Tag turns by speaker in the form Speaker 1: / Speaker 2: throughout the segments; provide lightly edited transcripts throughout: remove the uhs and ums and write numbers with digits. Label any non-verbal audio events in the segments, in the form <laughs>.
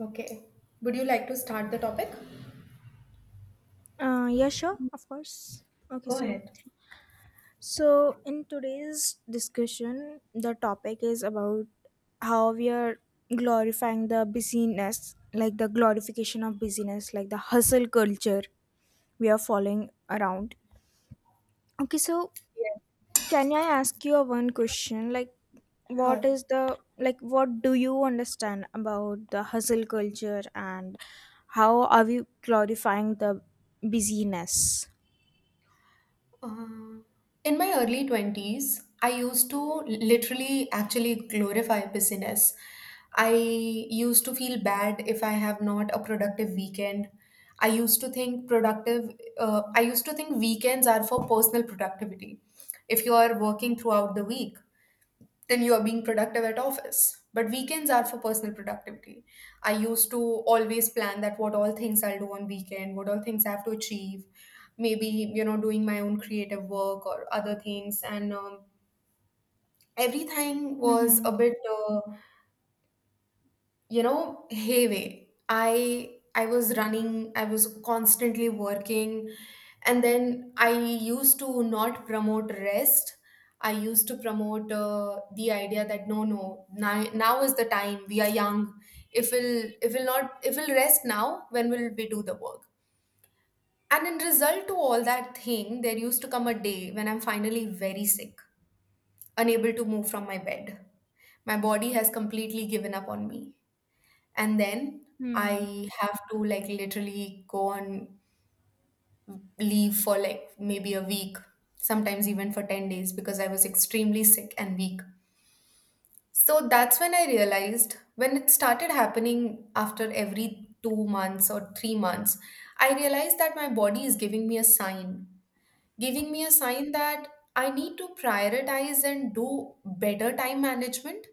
Speaker 1: Okay. Would you like to start the topic?
Speaker 2: Yeah, sure, of course. Okay,
Speaker 1: Go
Speaker 2: so
Speaker 1: ahead.
Speaker 2: so in today's discussion, the topic is about how we are glorifying the busyness, like the glorification of busyness, like the hustle culture we are following around. Okay, so
Speaker 1: Yeah,
Speaker 2: can I ask you a one question? Like, what
Speaker 1: sure.
Speaker 2: is the like? What do you understand about the hustle culture, and how are we glorifying the busyness?
Speaker 1: Uh, in my early 20s, I used to literally actually glorify business. I used to feel bad if I have not a productive weekend. I used to think I used to think weekends are for personal productivity. If you are working throughout the week, then you are being productive at office. But weekends are for personal productivity. I used to always plan that what all things I'll do on weekend, what all things I have to achieve, maybe you know doing my own creative work or other things, and everything was
Speaker 2: Mm-hmm.
Speaker 1: a bit. You know, heavy, I was running, I was constantly working, and then I used to not promote rest. I used to promote the idea that no, now is the time, we are young. If we'll rest now, when will we do the work? And in result to all that thing, there used to come a day when I'm finally very sick, unable to move from my bed, my body has completely given up on me. And then I have to like literally go on leave for like maybe a week, sometimes even for 10 days, because I was extremely sick and weak. So that's when I realized, when it started happening after every 2 months or 3 months, I realized that my body is giving me a sign, giving me a sign that I need to prioritize and do better time management,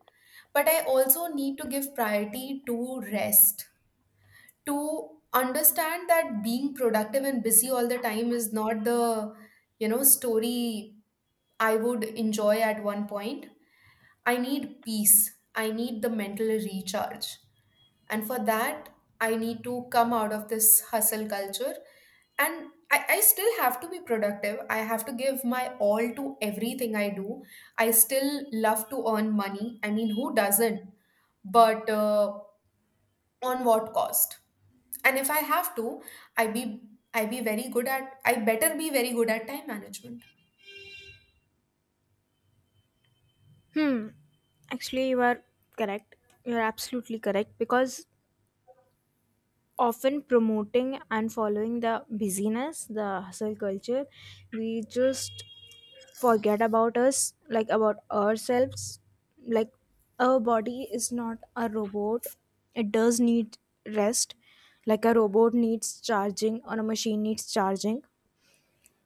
Speaker 1: but I also need to give priority to rest, to understand that being productive and busy all the time is not the you know story I would enjoy. At one point, I need peace, I need the mental recharge, and for that I need to come out of this hustle culture. And I still have to be productive, I have to give my all to everything I do. I still love to earn money, I mean, who doesn't? But on what cost? And if I have to, I be I be very good at I better be very good at time management.
Speaker 2: Hmm. Actually, you are correct. You're absolutely correct, because often promoting and following the busyness, the hustle culture, we just forget about us, like about ourselves. Like, our body is not a robot, it does need rest, like a robot needs charging or a machine needs charging,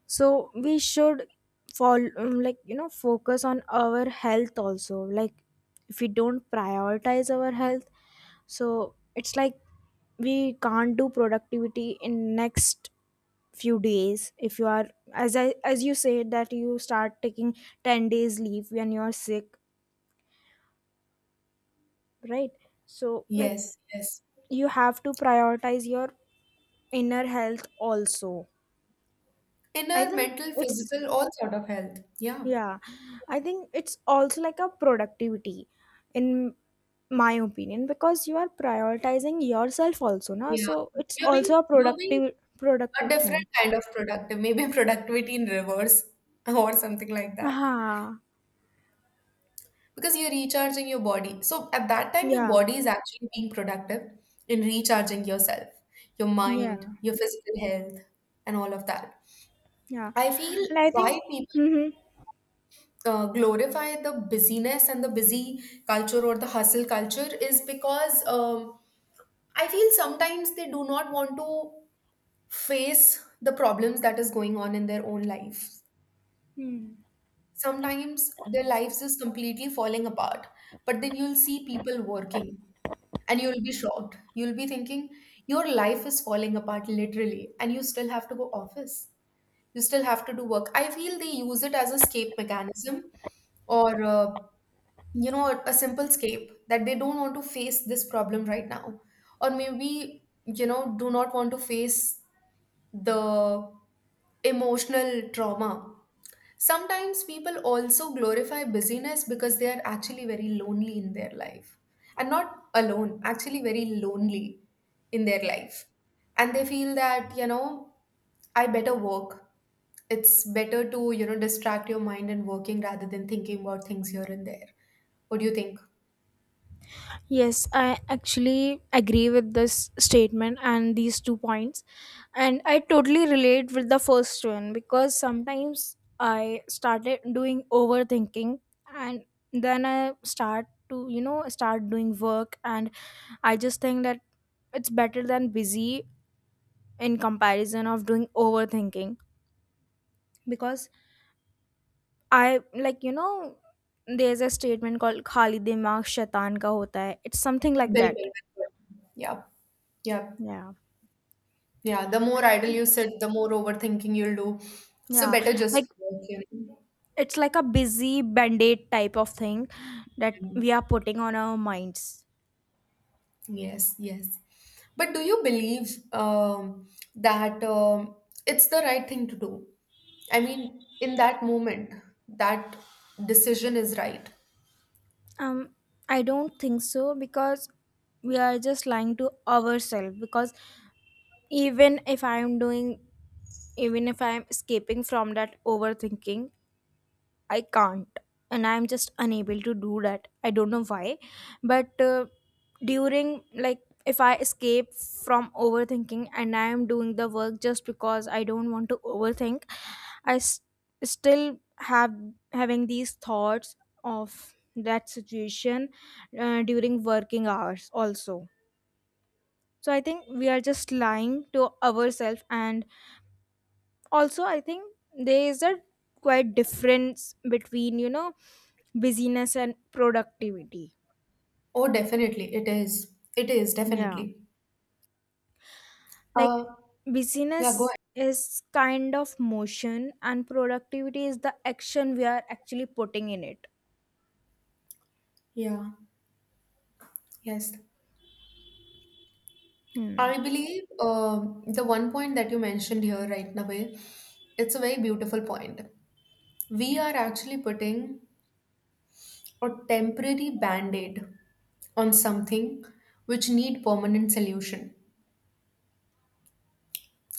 Speaker 2: so we should fall, like, focus on our health also. Like, if we don't prioritize our health, so it's like we can't do productivity in next few days. If you are, as you said, that you start taking 10 days leave when you are sick, right? So like,
Speaker 1: Yes, yes.
Speaker 2: you have to prioritize your inner health also. I
Speaker 1: Inner
Speaker 2: think
Speaker 1: mental
Speaker 2: it's
Speaker 1: physical all sort of health, yeah.
Speaker 2: Yeah, I think it's also like a productivity in my opinion, because you are prioritizing yourself also na,
Speaker 1: Yeah,
Speaker 2: so it's
Speaker 1: you're being
Speaker 2: also a
Speaker 1: you're being
Speaker 2: productive
Speaker 1: a
Speaker 2: productive
Speaker 1: different
Speaker 2: thing.
Speaker 1: kind of productive maybe <laughs> productivity in reverse or something like that.
Speaker 2: Ah,
Speaker 1: Because you're recharging your body, so at that time your
Speaker 2: yeah,
Speaker 1: body is actually being productive in recharging yourself, your mind,
Speaker 2: yeah,
Speaker 1: your physical health, and all of that.
Speaker 2: yeah.
Speaker 1: I feel
Speaker 2: and I
Speaker 1: why
Speaker 2: think
Speaker 1: people
Speaker 2: Mm-hmm.
Speaker 1: glorify the busyness and the busy culture or the hustle culture is because I feel sometimes they do not want to face the problems that is going on in their own lives.
Speaker 2: Hmm.
Speaker 1: Sometimes their lives is completely falling apart, but then you'll see people working and you'll be shocked. You'll be thinking your life is falling apart literally, and you still have to go office. You still have to do work. I feel they use it as escape mechanism or you know a simple escape that they don't want to face this problem right now, or maybe you know do not want to face the emotional trauma. Sometimes people also glorify busyness because they are actually very lonely in their life. And not alone, actually very lonely in their life. And they feel that, you know, I better work. It's better to, you know, distract your mind and working rather than thinking about things here and there. What do you think?
Speaker 2: Yes, I actually agree with this statement and these two points. And I totally relate with the first one, because sometimes I started doing overthinking, and then I start to, start doing work, and I just think that it's better than busy in comparison of doing overthinking, because I like, there's a statement called Khali Dimag Shaitan ka hota hai. It's something like
Speaker 1: Bill,
Speaker 2: that.
Speaker 1: bill, bill. Yeah, yeah,
Speaker 2: Yeah.
Speaker 1: yeah. The more idle you sit, the more overthinking you'll do. So
Speaker 2: Yeah,
Speaker 1: better just
Speaker 2: like,
Speaker 1: work, you
Speaker 2: it's like a busy band-aid type of thing that
Speaker 1: know.
Speaker 2: we are putting on our minds.
Speaker 1: Yes, yes. But do you believe that it's the right thing to do? I mean, in that moment, that decision is right.
Speaker 2: Um, I don't think so, because we are just lying to ourselves. Because even if I'm doing even if I'm escaping from that overthinking, I can't, and I'm just unable to do that. I don't know why, but during, like, if I escape from overthinking and I am doing the work just because I don't want to overthink, I still have having these thoughts of that situation, during working hours also. So I think we are just lying to ourselves, and also I think there is a quite difference between busyness and productivity.
Speaker 1: Oh, definitely, it is. It is,
Speaker 2: Yeah.
Speaker 1: definitely.
Speaker 2: Like,
Speaker 1: Uh, yeah, go
Speaker 2: busyness
Speaker 1: ahead.
Speaker 2: is kind of motion, and productivity is the action we are actually putting in it.
Speaker 1: Yeah, yes.
Speaker 2: Hmm.
Speaker 1: I believe the one point that you mentioned here right now, it's a very beautiful point. We are actually putting a temporary band aid on something which need permanent solution.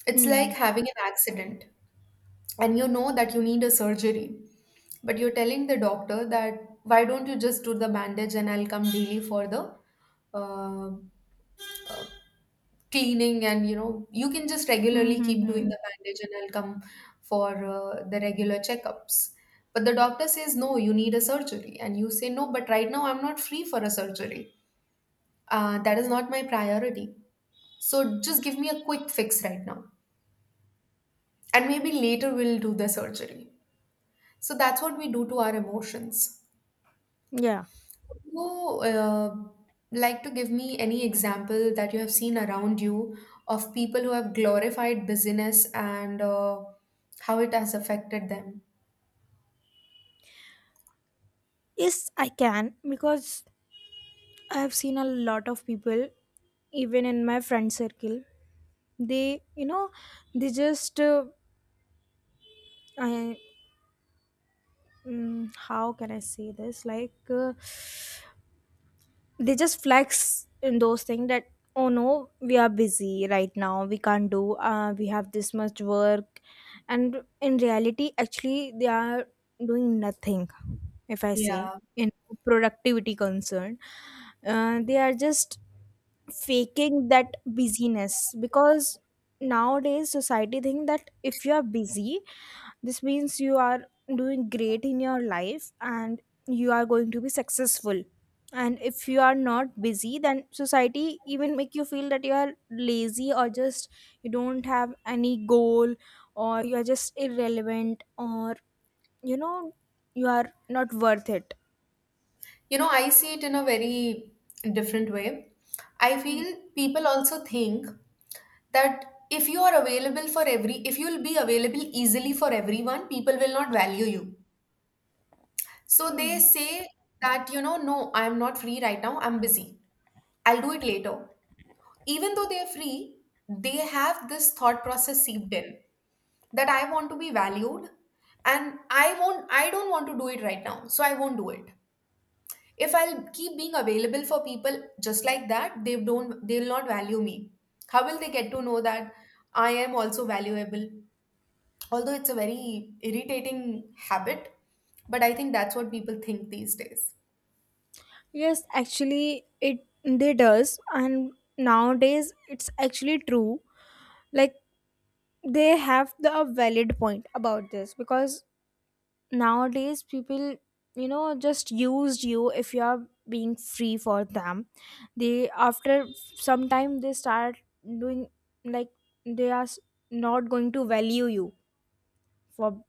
Speaker 1: It's
Speaker 2: Hmm.
Speaker 1: like having an accident, and you know that you need a surgery, but you're telling the doctor that why don't you just do the bandage and I'll come daily for the uh, cleaning, and you know you can just
Speaker 2: Hmm.
Speaker 1: regularly
Speaker 2: Hmm.
Speaker 1: keep doing
Speaker 2: Hmm.
Speaker 1: the bandage and I'll come for the regular checkups. But the doctor says no, you need a surgery, and you say no, but right now I'm not free for a surgery. That is not my priority. So just give me a quick fix right now and maybe later we'll do the surgery. So that's what we do to our emotions.
Speaker 2: Yeah.
Speaker 1: Would you like to give me any example that you have seen around you of people who have glorified busyness and how it has affected them?
Speaker 2: Yes, I can, because I have seen a lot of people, even in my friend circle. They, you know, they just, I, mm, How can I say this? Like, they just flex in those things that, oh no, we are busy right now, we can't do, we have this much work. And in reality, actually, they are doing nothing, if I say
Speaker 1: Yeah.
Speaker 2: in productivity concern. They are just faking that busyness, because nowadays society think that if you are busy, this means you are doing great in your life, and you are going to be successful. And if you are not busy, then society even make you feel that you are lazy, or just you don't have any goal, or you are just irrelevant, or you know you are not worth it.
Speaker 1: You know, I see it in a very different way. I feel people also think that if you are available for every, if you'll be available easily for everyone, people will not value you. So they say that, you know, no, I'm not free right now, I'm busy. I'll do it later. Even though they're free, they have this thought process seeped in that I want to be valued, and I don't want to do it right now, so I won't do it. If I'll keep being available for people just like that, they'll not value me. How will they get to know that I am also valuable? Although it's a very irritating habit, but I think that's what people think these days.
Speaker 2: Yes, actually it they does, and nowadays it's actually true. Like, they have the a valid point about this, because nowadays people, just used you if you are being free for them. They After some time they start doing, like, they are not going to value you for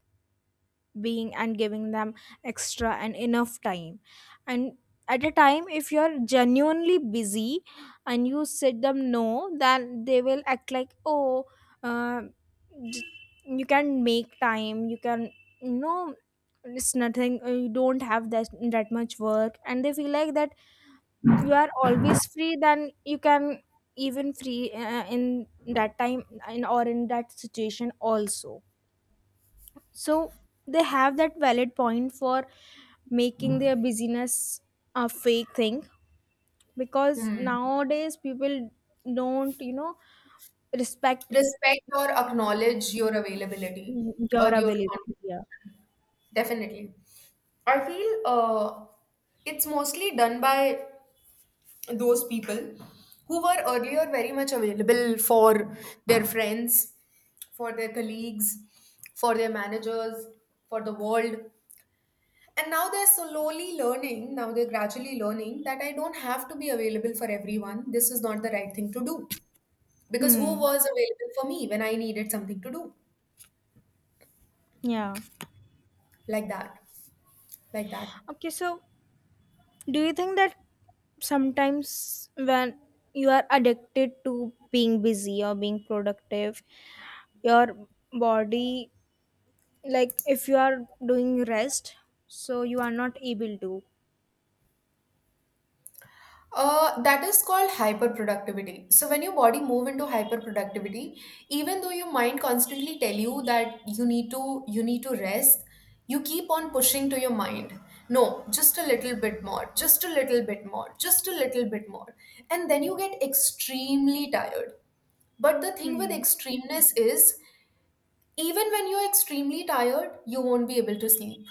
Speaker 2: being and giving them extra and enough time. And at a time, if you're genuinely busy and you said them no, then they will act like, oh, uh, j- you can make time, you can, you know it's nothing. You don't have that much work, and they feel like that you are always free, then you can even free, in that time, or in that situation also. So they have that valid point for making their busyness a fake thing, because
Speaker 1: Hmm.
Speaker 2: nowadays people don't, respect
Speaker 1: Respect or acknowledge your availability,
Speaker 2: your
Speaker 1: or your
Speaker 2: availability.
Speaker 1: con-
Speaker 2: Yeah.
Speaker 1: definitely. I feel it's mostly done by those people who were earlier very much available for their friends, for their colleagues, for their managers, for the world. And now they're slowly learning, now they're gradually learning that I don't have to be available for everyone. This is not the right thing to do. Because who
Speaker 2: Hmm.
Speaker 1: was available for me when I needed something to do?
Speaker 2: Yeah.
Speaker 1: like that like that.
Speaker 2: Okay, so do you think that sometimes when you are addicted to being busy or being productive, your body, like if you are doing rest, so you are not able to.
Speaker 1: That is called hyperproductivity. So when your body move into hyperproductivity, even though your mind constantly tell you that you need to rest, you keep on pushing to your mind, no just a little bit more, just a little bit more, just a little bit more, and then you get extremely tired. But the thing with
Speaker 2: Hmm.
Speaker 1: extremeness is, even when you're extremely tired, you won't be able to sleep,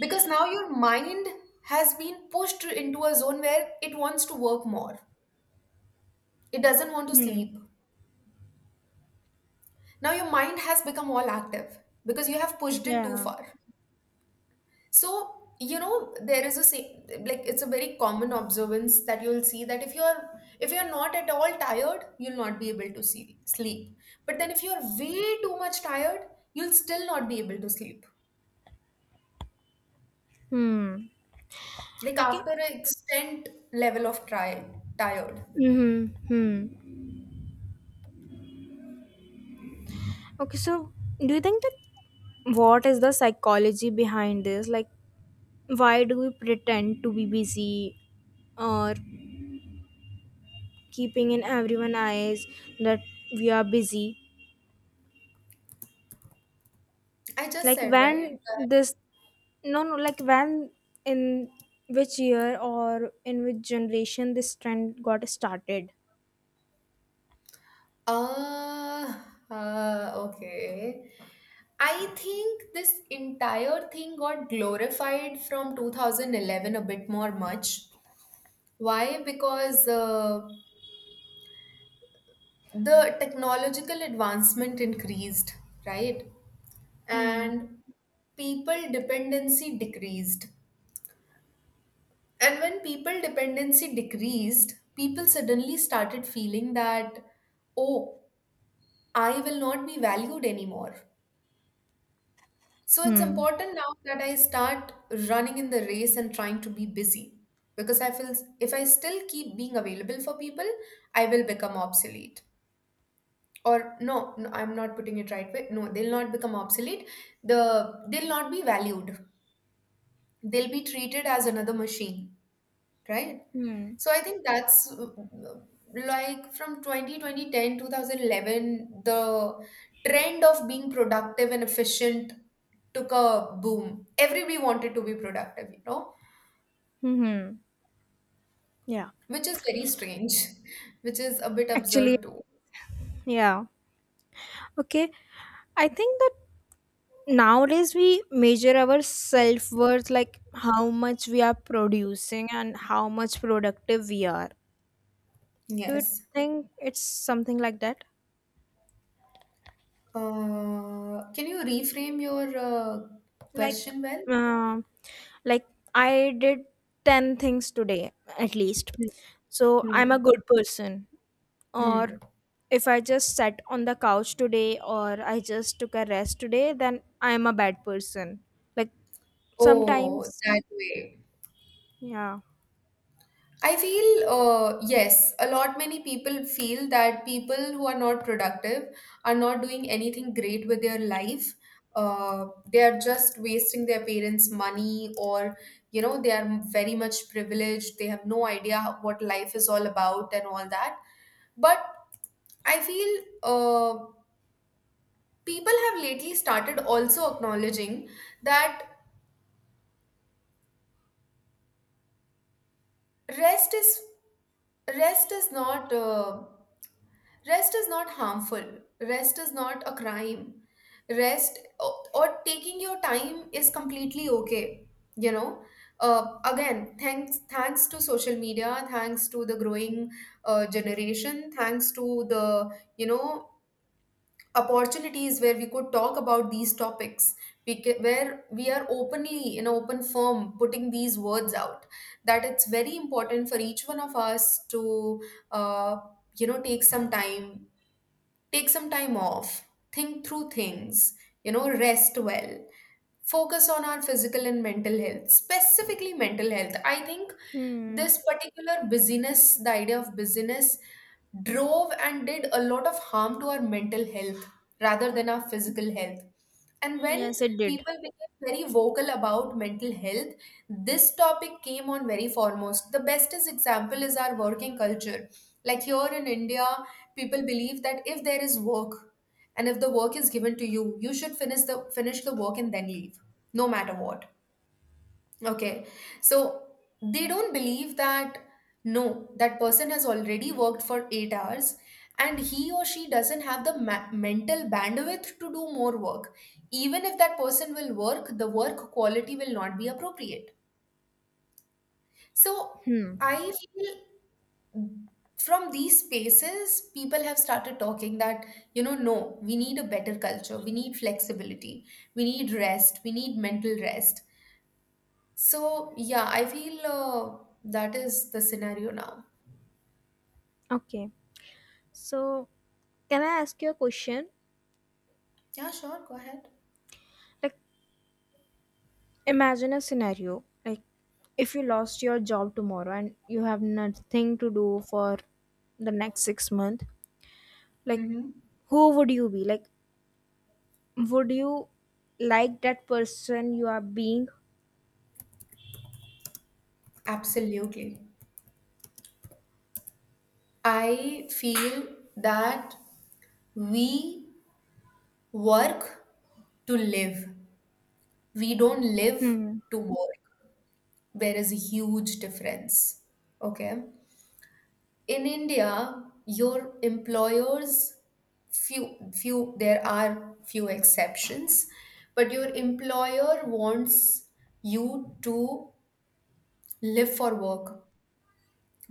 Speaker 1: because now your mind has been pushed into a zone where it wants to work more, it doesn't want to
Speaker 2: Hmm.
Speaker 1: sleep. Now your mind has become all active because you have pushed it too
Speaker 2: Yeah.
Speaker 1: far. So you know there is a say, like it's a very common observance that you'll see, that if you're not at all tired, you'll not be able to sleep. But then if you're way too much tired, you'll still not be able to sleep,
Speaker 2: Hmm.
Speaker 1: like
Speaker 2: Okay.
Speaker 1: after an extent level of try tired.
Speaker 2: Mm-hmm. Hmm. Okay, so do you think that, what is the psychology behind this? Like, why do we pretend to be busy, or keeping in everyone' eyes that we are busy?
Speaker 1: I just
Speaker 2: Like,
Speaker 1: said, right?
Speaker 2: no, no, like, when in which year or in which generation this trend got started?
Speaker 1: Uh, okay. I think this entire thing got glorified from 2011, a bit more much. Why? Because the technological advancement increased, right?
Speaker 2: Hmm.
Speaker 1: And people dependency decreased. And when people dependency decreased, people suddenly started feeling that, oh, I will not be valued anymore. So it's
Speaker 2: Hmm.
Speaker 1: important now that I start running in the race and trying to be busy, because I feel if I still keep being available for people, I will become obsolete. Or no, no, I'm not putting it right way. No, they'll not become obsolete. They'll not be valued. They'll be treated as another machine, right?
Speaker 2: Hmm.
Speaker 1: So I think that's like from 2020 10 2011. The trend of being productive and efficient took a boom. Everybody wanted to be productive, you know,
Speaker 2: Hmm. Yeah.
Speaker 1: which is very strange, <laughs> which is a bit
Speaker 2: Actually,
Speaker 1: absurd too.
Speaker 2: yeah. Okay. I think that nowadays we measure our self worth like how much we are producing and how much productive we are. Do you
Speaker 1: Yes.
Speaker 2: think it's something like that?
Speaker 1: Can you reframe your
Speaker 2: Like,
Speaker 1: question well?
Speaker 2: um, like, I did 10 things today at least,
Speaker 1: Hmm.
Speaker 2: so I'm a
Speaker 1: Hmm.
Speaker 2: good person. Or
Speaker 1: Hmm.
Speaker 2: if I just sat on the couch today, or I just took a rest today, then I am a bad person. Like
Speaker 1: Oh,
Speaker 2: sometimes,
Speaker 1: that way.
Speaker 2: yeah.
Speaker 1: I feel, yes, a lot many people feel that people who are not productive are not doing anything great with their life. They are just wasting their parents' money, or you know, they are very much privileged. They have no idea what life is all about and all that. But I feel uh, people have lately started also acknowledging that rest is rest is not. Rest is not harmful. Rest is not a crime. Rest or taking your time is completely okay. You know, again, thanks to social media, thanks to the growing generation, thanks to the you know opportunities where we could talk about these topics, where we are openly in an open form putting these words out. That it's very important for each one of us to uh, you know take some time take some time off, think through things, rest well, focus on our physical and mental health, specifically mental health. I think
Speaker 2: Hmm.
Speaker 1: this particular busyness, the idea of busyness, drove and did a lot of harm to our mental health rather than our physical health. And when
Speaker 2: Yes, it did.
Speaker 1: people became very vocal about mental health, this topic came on very foremost. The bestest example is our working culture. Like here in India, people believe that if there is work, and if the work is given to you, you should finish the work and then leave, no matter what. Okay. So they don't believe that no, that person has already worked for 8 hours and he or she doesn't have the mental bandwidth to do more work. Even if that person will work, the work quality will not be appropriate. So I feel from these spaces, people have started talking that, no, we need a better culture. We need flexibility. We need rest. We need mental rest. So, yeah, I feel that is the scenario now.
Speaker 2: Okay. So, can I ask you a question?
Speaker 1: Yeah, sure. Go ahead.
Speaker 2: Like, imagine a scenario. Like, if you lost your job tomorrow and you have nothing to do for the next 6 months, like,
Speaker 1: Hmm.
Speaker 2: who would you be? Like, would you like that person you are being?
Speaker 1: Absolutely. I feel that we work to live, we don't live
Speaker 2: Hmm.
Speaker 1: to work. There is a huge difference. Okay. In India, your employers, there are few exceptions, but your employer wants you to live for work,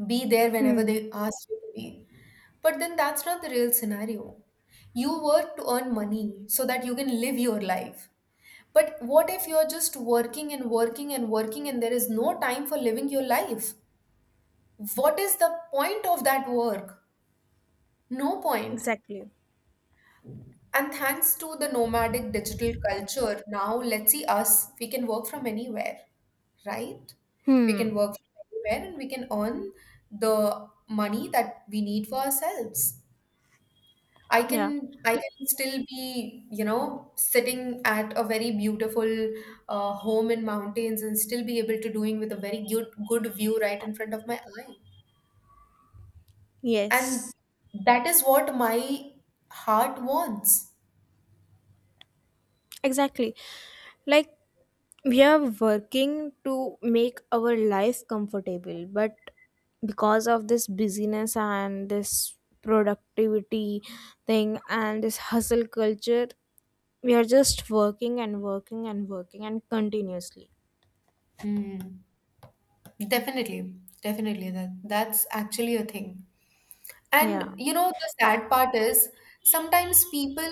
Speaker 1: be there whenever
Speaker 2: Hmm.
Speaker 1: they ask you to be. But then that's not the real scenario. You work to earn money so that you can live your life. But what if you're just working and working and working and there is no time for living your life? What is the point of that work? No point.
Speaker 2: Exactly.
Speaker 1: And thanks to the nomadic digital culture, now let's see us, we can work from anywhere, right? We can
Speaker 2: Hmm.
Speaker 1: work from anywhere and we can earn the money that we need for ourselves. I
Speaker 2: Yeah.
Speaker 1: can I can still be, sitting at a very beautiful home in mountains and still be able to doing with a very good view right in front of my eye. And
Speaker 2: Yes.
Speaker 1: that is what my heart wants.
Speaker 2: Exactly. Like, we are working to make our life comfortable, but because of this busyness and this productivity thing and this hustle culture, we are just working and working and working and continuously.
Speaker 1: Hmm. Definitely, definitely. That's actually a thing. And
Speaker 2: Yeah.
Speaker 1: you know, the sad part is sometimes people,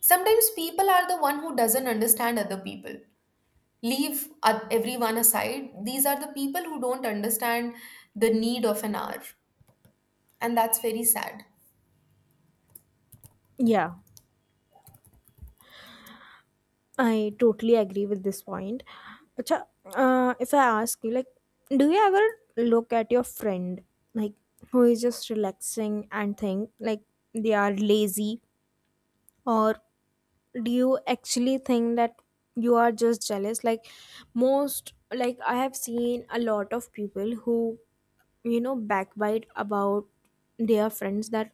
Speaker 1: sometimes people are the one who doesn't understand other people. Leave everyone aside. These are the people who don't understand the need of an hour, and that's very sad.
Speaker 2: Yeah, I totally agree with this point. Acha, if I ask you, like, do you ever look at your friend, like, who is just relaxing, and think, like, they are lazy? Or do you actually think that you are just jealous? Like, most like, I have seen a lot of people who, backbite about their friends, that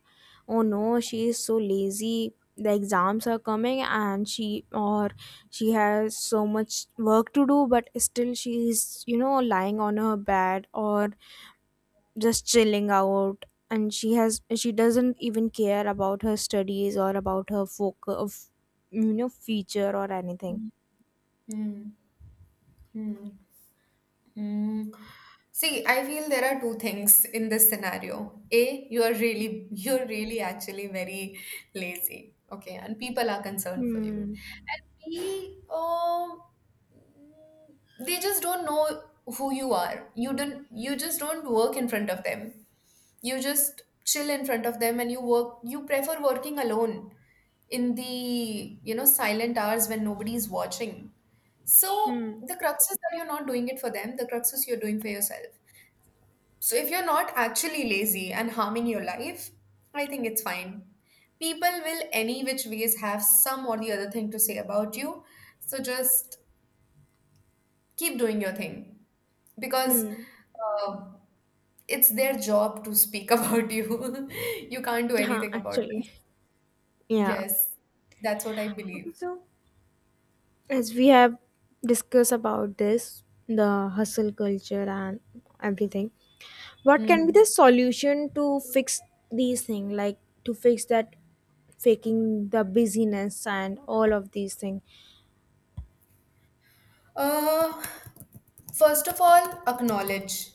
Speaker 2: oh no, she is so lazy, the exams are coming, and she, or she has so much work to do, but still she is, you know, lying on her bed or just chilling out. And she doesn't even care about her studies, or about her focus of, future, or anything.
Speaker 1: Hmm. Hmm. Mm. See, I feel there are two things in this scenario. A, you're really actually very lazy, okay, and people are concerned for you.
Speaker 2: Hmm.
Speaker 1: And B, they just don't know who you are. You just don't work in front of them. You just chill in front of them, and you work. You prefer working alone in the silent hours when nobody's watching. So
Speaker 2: Hmm.
Speaker 1: the crux is that you're not doing it for them, the crux is you're doing for yourself. So if you're not actually lazy and harming your life, I think it's fine. People will any which ways have some or the other thing to say about you. So just keep doing your thing because
Speaker 2: Hmm.
Speaker 1: uh, it's their job to speak <laughs> about you. You can't do
Speaker 2: Huh,
Speaker 1: anything about this.
Speaker 2: actually. Yeah.
Speaker 1: Yes, that's what I
Speaker 2: Okay,
Speaker 1: believe.
Speaker 2: so, as we have discussed about this, the hustle culture and everything, what can be the
Speaker 1: Hmm.
Speaker 2: solution to fix these things, like to fix that faking the busyness and all of these things?
Speaker 1: Uh, first of all, acknowledge.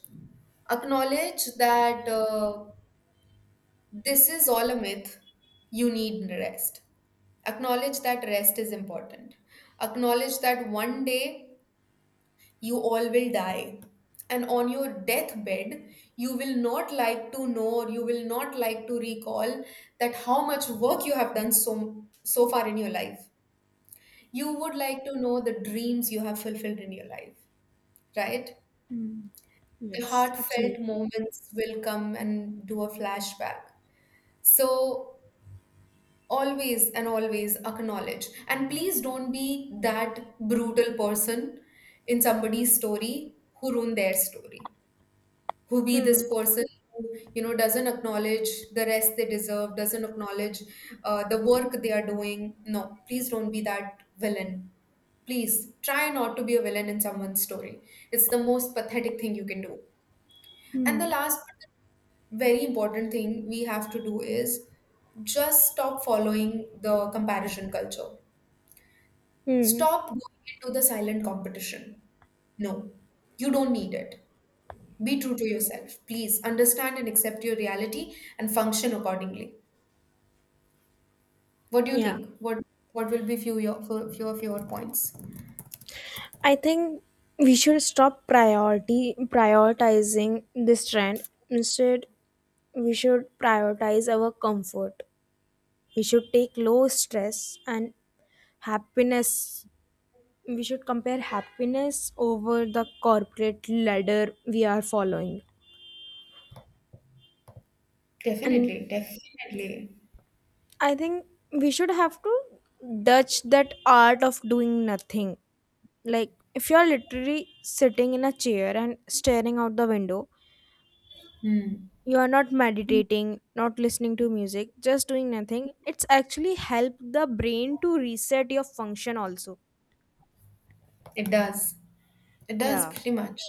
Speaker 1: Acknowledge that this is all a myth. You need rest. Acknowledge that rest is important. Acknowledge that one day you all will die. And on your deathbed, you will not like to know or you will not like to recall that how much work you have done so far in your life. You would like to know the dreams you have fulfilled in your life, right? The
Speaker 2: Yes,
Speaker 1: heartfelt
Speaker 2: absolutely.
Speaker 1: moments will come and do a flashback. So always and always acknowledge. And please don't be that brutal person in somebody's story who ruin their story. Who be this
Speaker 2: Hmm.
Speaker 1: person who, doesn't acknowledge the rest they deserve, doesn't acknowledge the work they are doing. No, please don't be that villain. Please try not to be a villain in someone's story. It's the most pathetic thing you can do. And
Speaker 2: Hmm.
Speaker 1: the last but very important thing we have to do is just stop following the comparison culture.
Speaker 2: Hmm.
Speaker 1: Stop going into the silent competition. No, you don't need it. Be true to yourself. Please understand and accept your reality and function accordingly. What do you
Speaker 2: Yeah.
Speaker 1: think? What will be few of your points?
Speaker 2: I think we should stop priority prioritizing this trend. Instead, we should prioritize our comfort. We should take low stress and happiness. We should compare happiness over the corporate ladder we are following. And
Speaker 1: Definitely, definitely.
Speaker 2: I think we should have to dodge that art of doing nothing. Like, if you're literally sitting in a chair and staring out the window,
Speaker 1: Hmm.
Speaker 2: you are not meditating, not listening to music, just doing nothing, it's actually help the brain to reset your function also.
Speaker 1: It does. It does
Speaker 2: Yeah.
Speaker 1: pretty much.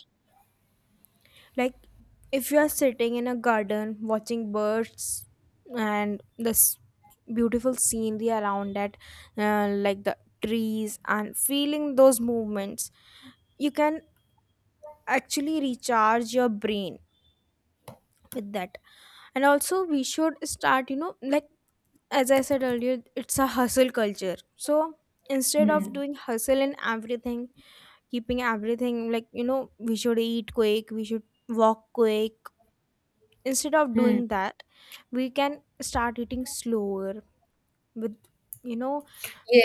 Speaker 2: Like, if you are sitting in a garden watching birds and this beautiful scenery around that, like the trees, and feeling those movements, you can actually recharge your brain with that. And also we should start, like, as I said earlier, it's a hustle culture. So instead of
Speaker 1: Hmm.
Speaker 2: doing hustle in everything, keeping everything like, we should eat quick, we should walk quick. Instead of
Speaker 1: Hmm.
Speaker 2: doing that, we can start eating slower, with, you know,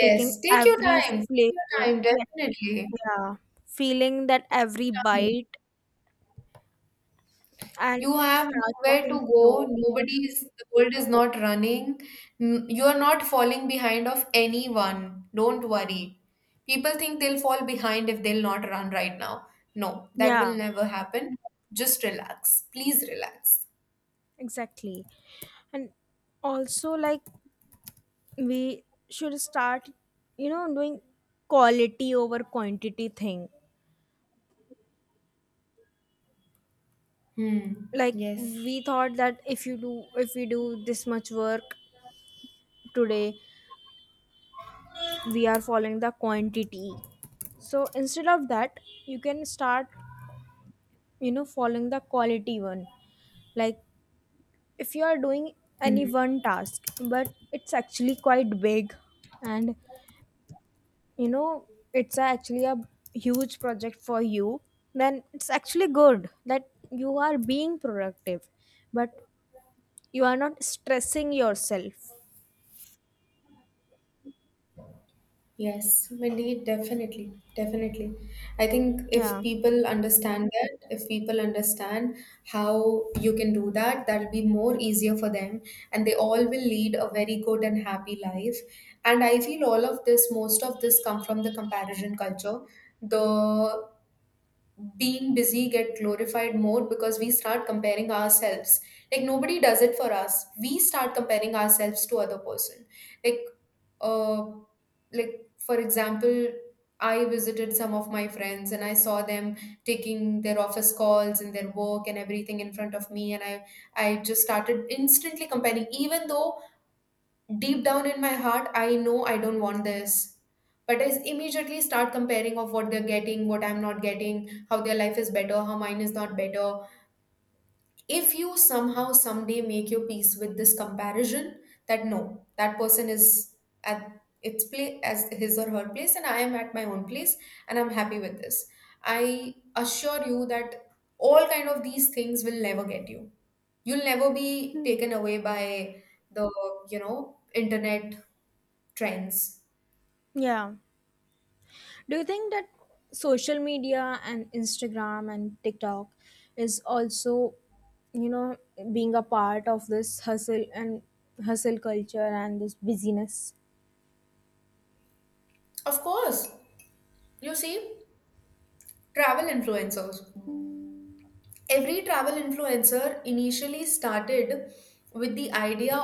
Speaker 2: taking
Speaker 1: take your
Speaker 2: every
Speaker 1: time. Take your
Speaker 2: flavor.
Speaker 1: time,
Speaker 2: Yeah.
Speaker 1: definitely.
Speaker 2: Yeah. Feeling that every
Speaker 1: Time.
Speaker 2: bite, and
Speaker 1: You have
Speaker 2: start
Speaker 1: nowhere to
Speaker 2: walking
Speaker 1: go.
Speaker 2: slow.
Speaker 1: Nobody is, the world is not running. You are not falling behind of anyone. Don't worry. People think they'll fall behind if they'll not run right now. No, that will
Speaker 2: Yeah,
Speaker 1: never happen. Just relax. Please relax.
Speaker 2: exactly. And also, like, we should start, doing quality over quantity thing.
Speaker 1: Hmm.
Speaker 2: Like,
Speaker 1: Yes.
Speaker 2: we thought that if we do this much work today, we are following the quantity. So instead of that, you can start, following the quality one. Like, if you are doing any
Speaker 1: Hmm.
Speaker 2: one task, but it's actually quite big, and, you know it's actually a huge project for you, then it's actually good that you are being productive, but you are not stressing yourself.
Speaker 1: Yes, we definitely, definitely. I think if
Speaker 2: Yeah.
Speaker 1: people understand that, if people understand how you can do that, that'll be more easier for them, and they all will lead a very good and happy life. And I feel all of this, most of this, come from the comparison culture. The being busy get glorified more because we start comparing ourselves, like nobody does it for us. We start comparing ourselves to other person, like, uh like for example, I visited some of my friends and I saw them taking their office calls and their work and everything in front of me, and I just started instantly comparing, even though deep down in my heart I know I don't want this, but I immediately start comparing of what they're getting, what I'm not getting, how their life is better, how mine is not better. If you somehow someday make your peace with this comparison, that no, that person is at its place as his or her place, and I am at my own place, and I'm happy with this. I assure you that all kind of these things will never get you. You'll never be taken away by the internet trends.
Speaker 2: Yeah, do you think that social media and Instagram and TikTok is also, you know being a part of this hustle culture and this busyness?
Speaker 1: Of course. You see, travel influencers. Every travel influencer initially started with the idea